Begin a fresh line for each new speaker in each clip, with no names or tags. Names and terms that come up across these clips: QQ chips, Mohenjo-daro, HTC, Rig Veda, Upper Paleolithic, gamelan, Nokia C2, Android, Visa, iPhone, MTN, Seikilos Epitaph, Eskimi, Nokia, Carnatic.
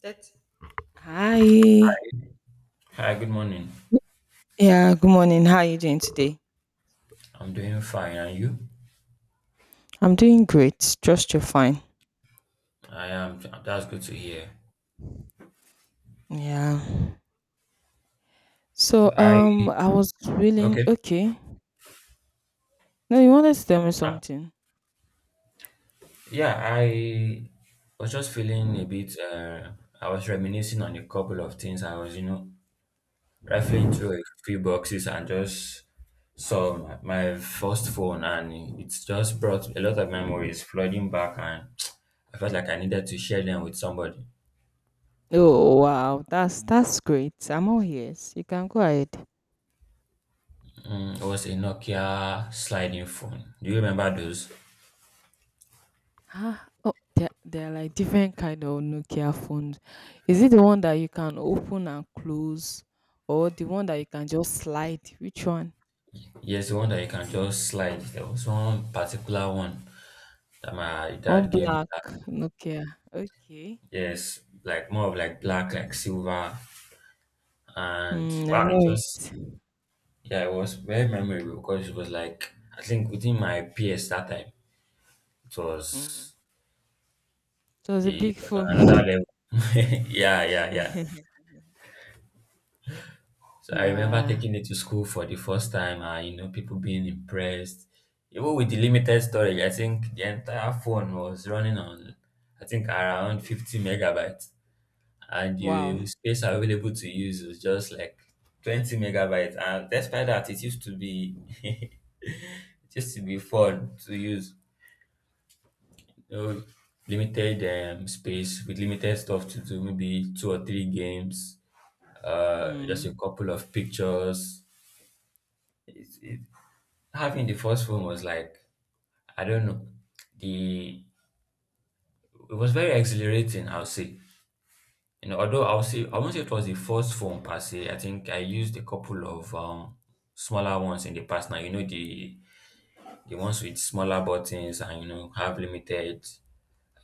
That's Hi.
Hi, good morning.
Yeah, good morning. How are you doing today?
I'm doing fine, and you?
I'm doing great. Trust you're fine.
I am. That's good to hear.
Yeah. So
So I
I was willing
okay.
okay. No, you wanted to tell me
Uh,
something.
yeah, I was just feeling a bit. I was reminiscing on a couple of things. I was, you know, rifling through a few boxes and just saw my first phone, and it's just brought a lot of memories flooding back, and I felt like I needed to share them with somebody.
Oh wow, that's great. I'm all ears. You can go ahead.
Mm, it was a Nokia sliding phone. Do you remember those?
Ah, oh they're like different kind of Nokia phones. Is it the one that you can open and close or the one that you can just slide? Which one?
Yes, the one that you can just slide. There was one particular one that my
One
dad gave me.
black
That,
Nokia. Okay.
yes, like more of like black, like silver, and
Mm, I
wow, it
know
was
it.
yeah, it was very memorable because it was like I think within my PS that time it
Mm.
was
It was a
it
big
was on another
phone.
level. Yeah, yeah, yeah. So I remember
Yeah.
taking it to school for the first time, and you know, people being impressed. Even with the limited storage, I think the entire phone was running on I think around 50 megabytes, and the
Wow.
space available to use was just like 20 megabytes. And despite that, it used to be it used to be fun to use, you know, limited space with limited stuff to do, maybe two or three games, just
Mm,
a couple of pictures. it, it, Having the first phone was like I don't know the it was very exhilarating, I'll say. You know, although I'll say I won't say it was the first phone per se. I think I used a couple of smaller ones in the past. Now you know, the ones with smaller buttons, and you know, have limited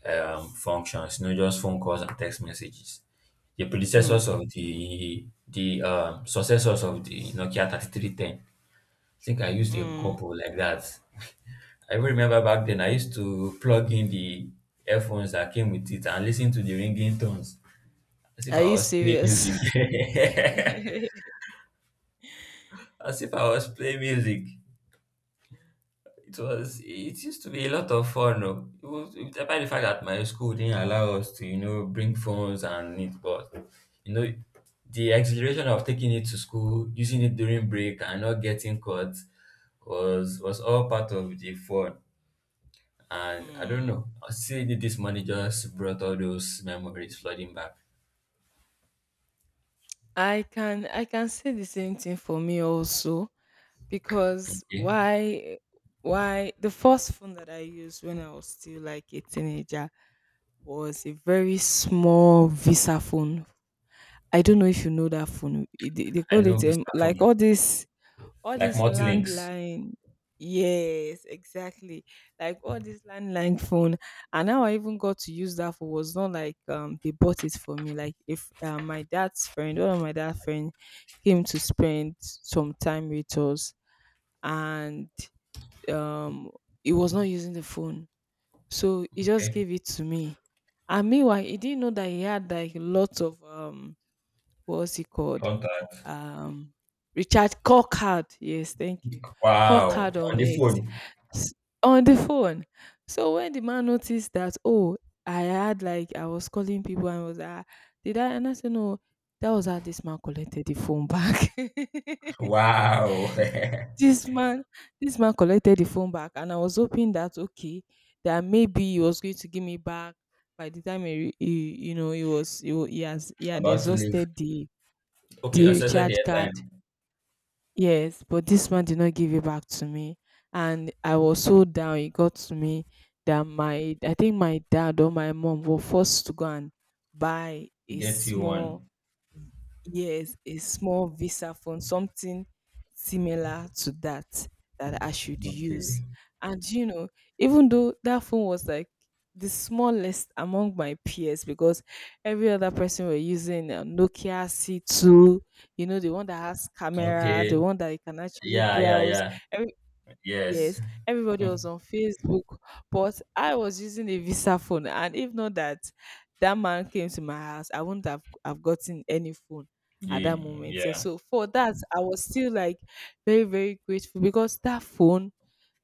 functions, you know, just phone calls and text messages, the predecessors
mm,
of the successors of the Nokia 3310. I think I used a
mm.
couple like that. I even remember back then I used to plug in the earphones that came with it and listen to the ringing tones as if
Are
I
you
was playing
serious?
music. As if I was playing music. It used to be a lot of fun. Oh. It was, despite the fact that my school didn't allow us to, you know, bring phones and it, but you know, the exhilaration of taking it to school, using it during break and not getting caught was all part of the fun. And I don't
Mm.
know. I see, that this money just brought all those memories flooding back.
I can say the same thing for me also because
Okay.
why why the first phone that I used when I was still like a teenager was a very small Visa phone. I don't know if you know that phone. They
I
call
know
it
visa
like
phone,
all these all
like
this
multilinks.
landline, yes exactly, like all this landline phone. And how I even got to use that phone was not like they bought it for me, like if my dad's friend, one of my dad's friend came to spend some time with us, and um he was not using the phone, so he just
Okay.
gave it to me. And meanwhile he didn't know that he had like lots of what's he called?
Contact.
Um, recharge call. Yes, thank you. Call
Wow.
on
On the
it,
phone.
s- on the phone. So when the man noticed that, oh, I had like I was calling people and was like, ah, did I? And I said no. That was how this man collected the phone back.
Wow.
this man, this man collected the phone back, and I was hoping that okay, that maybe he was going to give me back by the time he you know, he was he, wa- he has he had
About to leave.
exhausted
Okay.
the
Access the
recharge card.
airtime.
Yes, but this man did not give it back to me. And I was so down. It got to me that my, I think my dad or my mom were forced to go and buy a
Get you
small,
one.
yes, a small Visa phone, something similar to that, that I should use.
Okay.
And, you know, even though that phone was like the smallest among my peers because every other person were using a Nokia C2, you know, the one that has camera, the
Okay.
one that you can actually
Yeah. Yeah.
browse.
Yeah. Yes.
Yes, everybody was on Facebook, but I was using a Visa phone, and if not that that man came to my house, I wouldn't have gotten any phone at that
Yeah.
moment. Eh.
Yeah.
So for that, I was still like very very grateful, because that phone,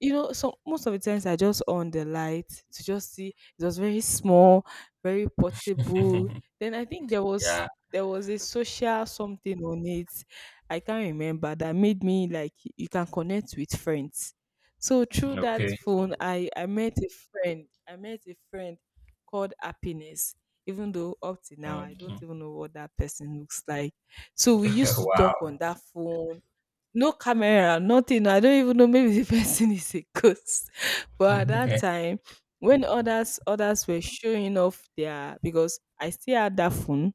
you know, so most of the times I just on the light to just see, it was very small, very portable. Then I think there was
Yeah.
there was a social something on it. I can't remember that made me like you can connect with friends. So through that
Okay.
phone I met a friend. I met a friend called Happiness. Even though up to now I don't
Mhm.
even know what that person looks like. So we used to talk on
Wow.
that phone, no camera, nothing. I don't even know. Maybe the person is a ghost. But at that time, when others were showing off their, because I still had that phone,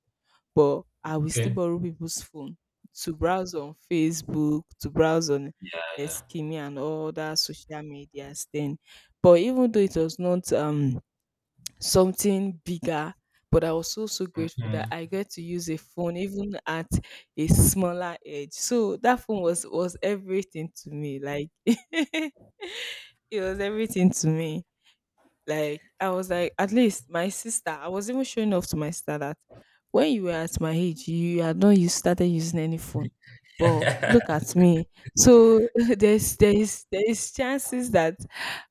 but I will still
Okay.
borrow people's phone to browse on Facebook, to browse on
Yeah. Yeah.
Eskimi and all that social medias then. But even though it was not something bigger. But I was so so grateful that
Mhm.
I get to use a phone even at a smaller age. So that phone was everything to me. Like it was everything to me. Like I was like, at least my sister, I was even showing off to my sister that when you were at my age, you had not you started using any phone. But look at me. So there is chances that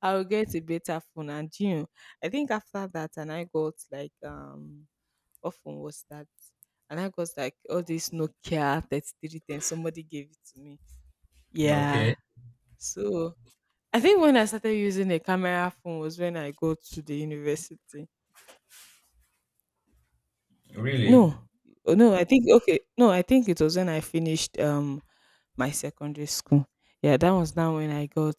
I'll get a better phone. And you know, I think after that and I got like what phone was that? And I got like all this Nokia 3310. Somebody gave it to me.
Okay.
Yeah. So I think when I started using a camera phone was when I go to the university.
Really?
No, oh, no, I think okay. No, I think it was when I finished my secondary school. Yeah, that was now when I got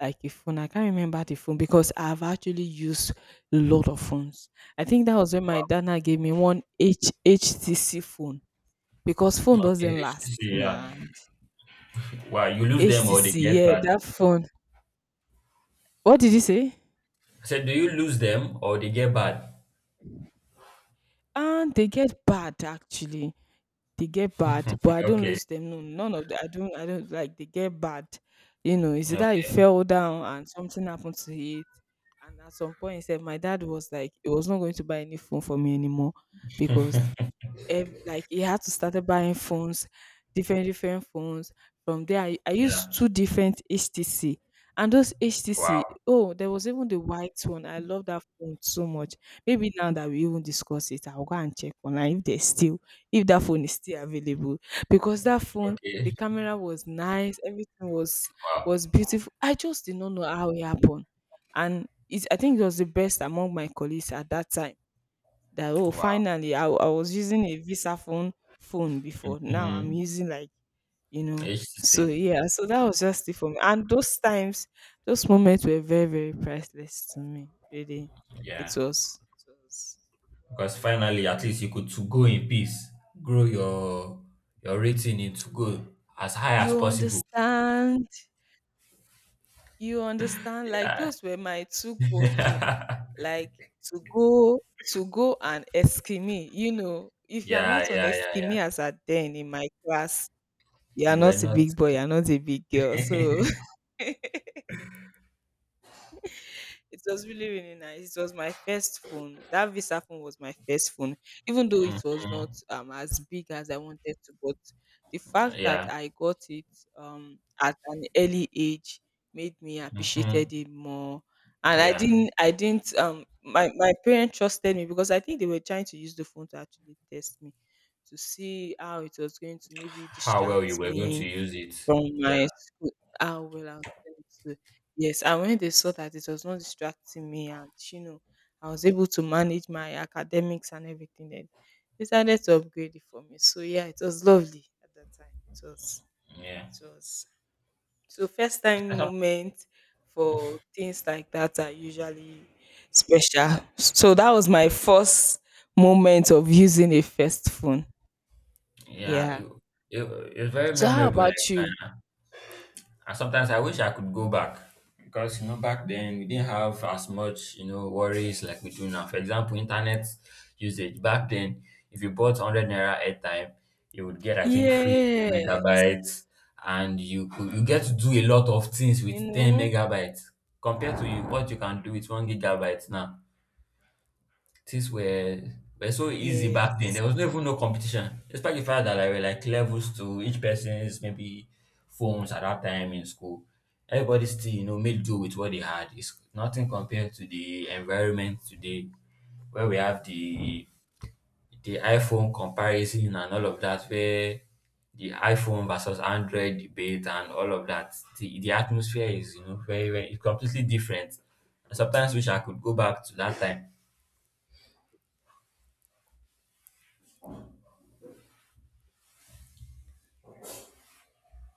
like a phone. I can't remember the phone because I've actually used a lot of phones. I think that was when my dad now gave me one H HTC phone, because phone
Okay,
doesn't last,
HTC, yeah.
man.
Wow, you lose them or
HTC,
they get
yeah,
bad?
that phone. What did you say?
I said, do you lose them or they get bad?
And they get bad actually. They get bad, but I don't
Okay,
lose them. No, none of that. I don't. I don't like. They get bad. You know, it's either he
okay,
fell down and something happened to it, and at some point, he said my dad was like, he was not going to buy any phone for me anymore because like he had to started buying phones, different different phones. From there, I used
yeah.
two different HTC, and those HTC.
Wow,
Oh, there was even the white one. I love that phone so much. Maybe now that we even discuss it, I'll go and check online if there's still if that phone is still available, because that phone.
okay,
The camera was nice, everything
wow,
was beautiful. I just did not know how it happened, and it, I think it was the best among my colleagues at that time, that oh
wow.
finally I was using a Visa phone phone before now I'm
Mm,
using like, you know.
HTC,
So yeah, so that was just it for me. And those times, those moments were very very priceless to me really. it
yeah.
was, it was
Because finally, at least you could to go in peace, grow your rating into go as high as
You
possible.
understand, you understand, like those were my two go-to,
Yeah,
like to go, to go and Eskimi, you know. If you are
yeah,
not on
yeah, yeah, yeah.
Eskimi as at then in my class, you are
You were
not a
not.
big boy, you are not a big girl. So it was really, really nice. It was my first phone. That Visa phone was my first phone, even though it was not
Mhm.
as big as I wanted to. But the fact that
Yeah,
I got it at an early age made me
hmm,
appreciated it more. And I
yeah.
didn't, I didn't. My my parents trusted me, because I think they were trying to use the phone to actually test me, to see how it was going to maybe
How well you
distract
were going to
me
use it.
from
Yeah,
my school, how well I was going to, yes, and when they saw that it was not distracting me and, you know, I was able to manage my academics and everything then, they decided to upgrade it for me. So yeah, it was lovely at that time. It was
yeah.
it was So first time
I thought-
moment for things like that are usually special. So that was my first moment of using a first phone.
Yeah, it,
Yeah.
it, it's very
So how
memorable. Like,
about you?
and sometimes I wish I could go back, because you know, back then we didn't have as much, you know, worries like we do now. For example, internet usage back then, if you bought 100 naira airtime, you would get I think free 10
Yes.
megabytes, and you get to do a lot of things
You
with ten
know?
megabytes compared to what you can do with 1 gigabyte now. Things were so easy back then.
Yes.
There was no even no competition, despite the fact that there were like levels to each person's maybe phones at that time in school. Everybody still, you know, made do with what they had. It's nothing compared to the environment today, where we have the iPhone comparison and all of that, where the iPhone versus Android debate and all of that. The atmosphere is, you know, very very, it's completely different. And sometimes wish I could go back to that time.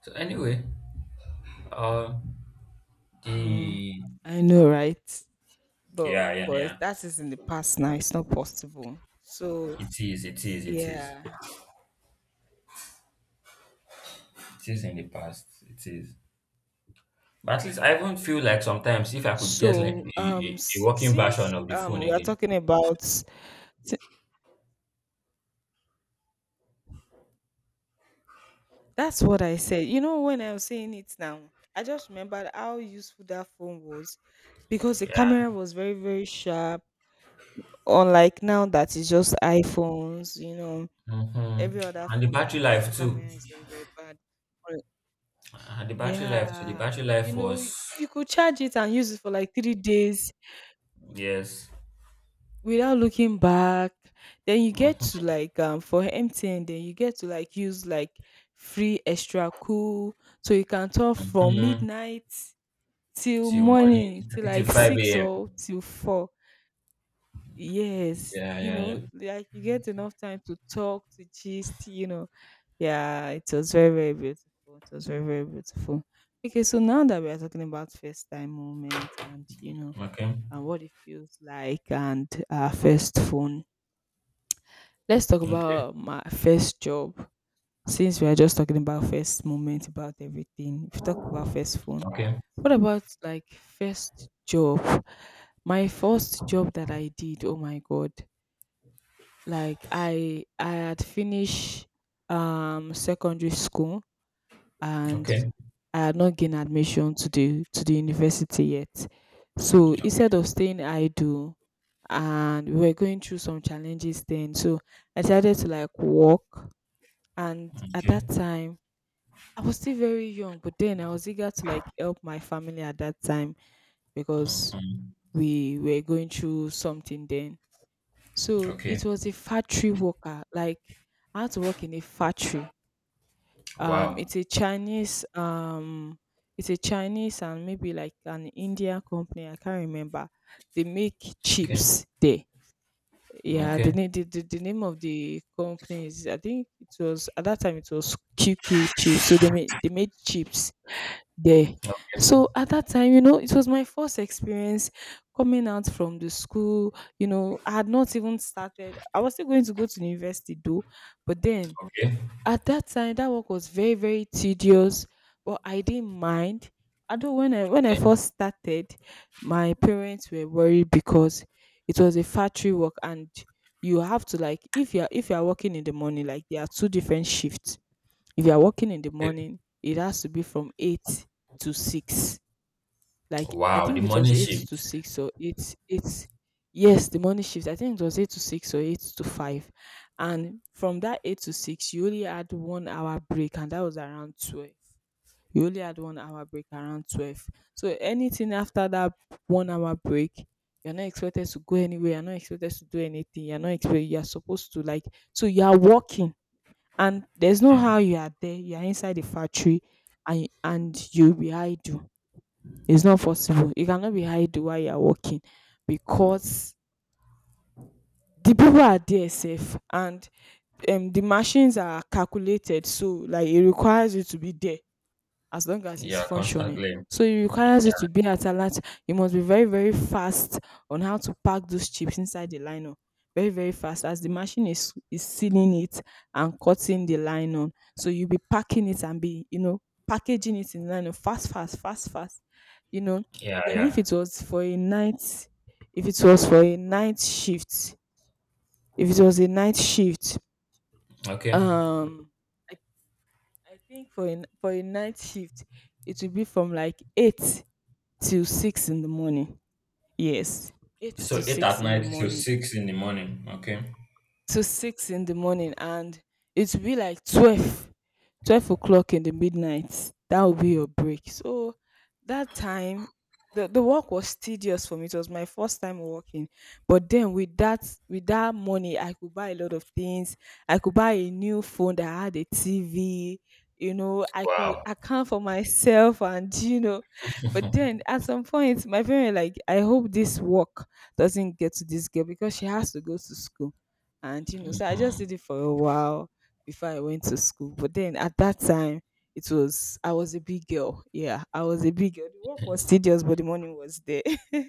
So anyway, oh,
Mm,
the
I know, right?
yeah, yeah, yeah.
But that is in the past now. It's not possible. So
It is, it is, it is.
yeah.
It is in the past. It is. But at least I even feel like sometimes if I could get like
So
a
s-
working version
since
of the phone
we are
again.
talking about, that's what I said. You know, when I was saying it now, I just remembered how useful that phone was, because the
Yeah.
camera was very very sharp. Unlike now that is just iPhones. You know,
Mm-hmm.
every other
And the
phone like
battery
this, their
life too.
camera is very very bad.
And the battery life too. The
Yeah.
battery
You
life
know,
was
you could charge it and use it for like 3 days
yes.
without looking back. Then you get to like for MTN, then you get to like use like free extra cool. So you can talk from
Mm-hmm.
midnight till
Till morning.
morning,
I
till
think till
like
five
six
AM.
or till four. Yes.
Yeah,
You
yeah, yeah.
know, like you get enough time to talk, to gist, you know. Yeah, it was very, very beautiful. It was very, very beautiful. Okay, so now that we are talking about first time moments and you know
Okay.
and what it feels like and our first phone, let's talk
Okay.
about my first job. Since we are just talking about first moment, about everything, if we talk about first phone.
Okay.
What about like first job? My first job that I did, oh my god. Like I had finished secondary school and
Okay.
I had not gained admission to the university yet. So
Okay.
instead of staying idle, and we were going through some challenges then. So I decided to like work, and at that
Okay.
time I was still very young, but then I was eager to like help my family at that time because
Mm-hmm.
we were going through something then. So
Okay.
it was a factory worker, like I had to work in a factory, um,
Wow.
it's a Chinese, um, it's a Chinese and maybe like an Indian company. I can't remember. They make
Okay.
chips there. Yeah, the,
Okay.
na- the, the, the name of the company is, I think, it was at that time it was QQ chips. So they made chips there.
Okay.
So at that time, it was my first experience coming out from the school. I had not even started. I was still going to go to the university though, but then
Okay.
at that time, that work was very, very tedious, but I didn't mind. Although when I
Okay.
first started, my parents were worried because it was a factory work. And you have to, like, if you're working in the morning, like there are two different shifts. If you're working in the
Okay.
morning, it has to be from 8 to 6. Like, I
Wow, the
think it was
morning
eight to
shift.
six or eight. Yes, the morning shift, I think it was 8 to 6 or 8 to 5. And from that 8 to 6 you only had 1 hour break, and that was around 12. You only had 1 hour break around 12, so anything after that 1 hour break, you're not expected to go anywhere, you're not expected to do anything, you're not expected you're supposed to, like, so you are working. And there's no how. You are there, you are inside the factory, and you'll be idle. It's not possible. You cannot be hiding while you are working, because the people are there safe, and the machines are calculated, so like it requires you to be there as long as it's
Yeah,
functioning.
constantly.
So it requires you to be at alert. You must be very, very fast on how to pack those chips inside the nylon. Very, very fast, as the machine is sealing it and cutting the nylon. So you'll be packing it and be, packaging it in nylon, fast, fast, fast, fast. You know.
Yeah,
Then if
yeah.
it was for a night, if it was for a night shift, if it was a night shift,
Okay.
um I, I think for a night shift it will be from like 8 till 6 in the morning. Yes, 8 to
So eight at
6 in the
night till
morning,
six in the morning. Okay.
to 6 in the morning. And it will be like 12 o'clock in the midnight. That will be your break. So that time, the work was tedious for me. It was my first time working, but then with that money I could buy a lot of things. I could buy a new phone that had a tv. I could
Wow.
account for myself, and. But then at some point, my parents, like, I hope this work doesn't get to this girl because she has to go to school. And so I just did
Mhm.
it for a while before I went to school. But then at that time, it was I was a big girl, yeah, I was a big girl. The work was tedious, but the money was there.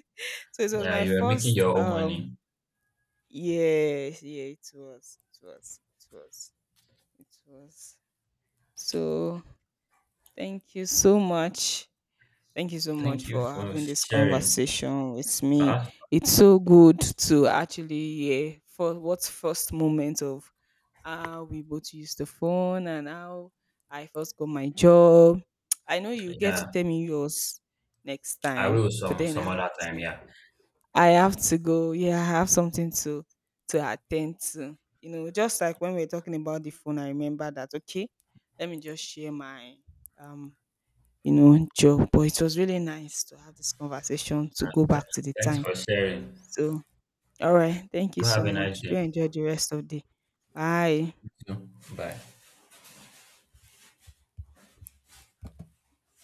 So it was
Yeah,
my
you are making
first,
your own money.
yeah, yeah, it was. So thank you so much, thank you so much
Thank you
for
for
having this
sharing.
conversation with me.
Huh?
It's so good to actually hear for what first moment of how we both used the phone and how I first got my job. I know you get to tell
Yeah,
me yours next
I
time,
will
but then I
some other
have
time.
to
Yeah.
I have to go. Yeah, I have something to attend to. You know, just like when we were talking about the phone, I remember that, okay, let me just share my um job. But it was really nice to have this conversation, to
Uh,
go
th-
back to the
thanks
time.
for sharing.
So, all right, thank you
You have
so
a nice
much. Do
day.
enjoy the rest of the day. Bye.
You too. Bye.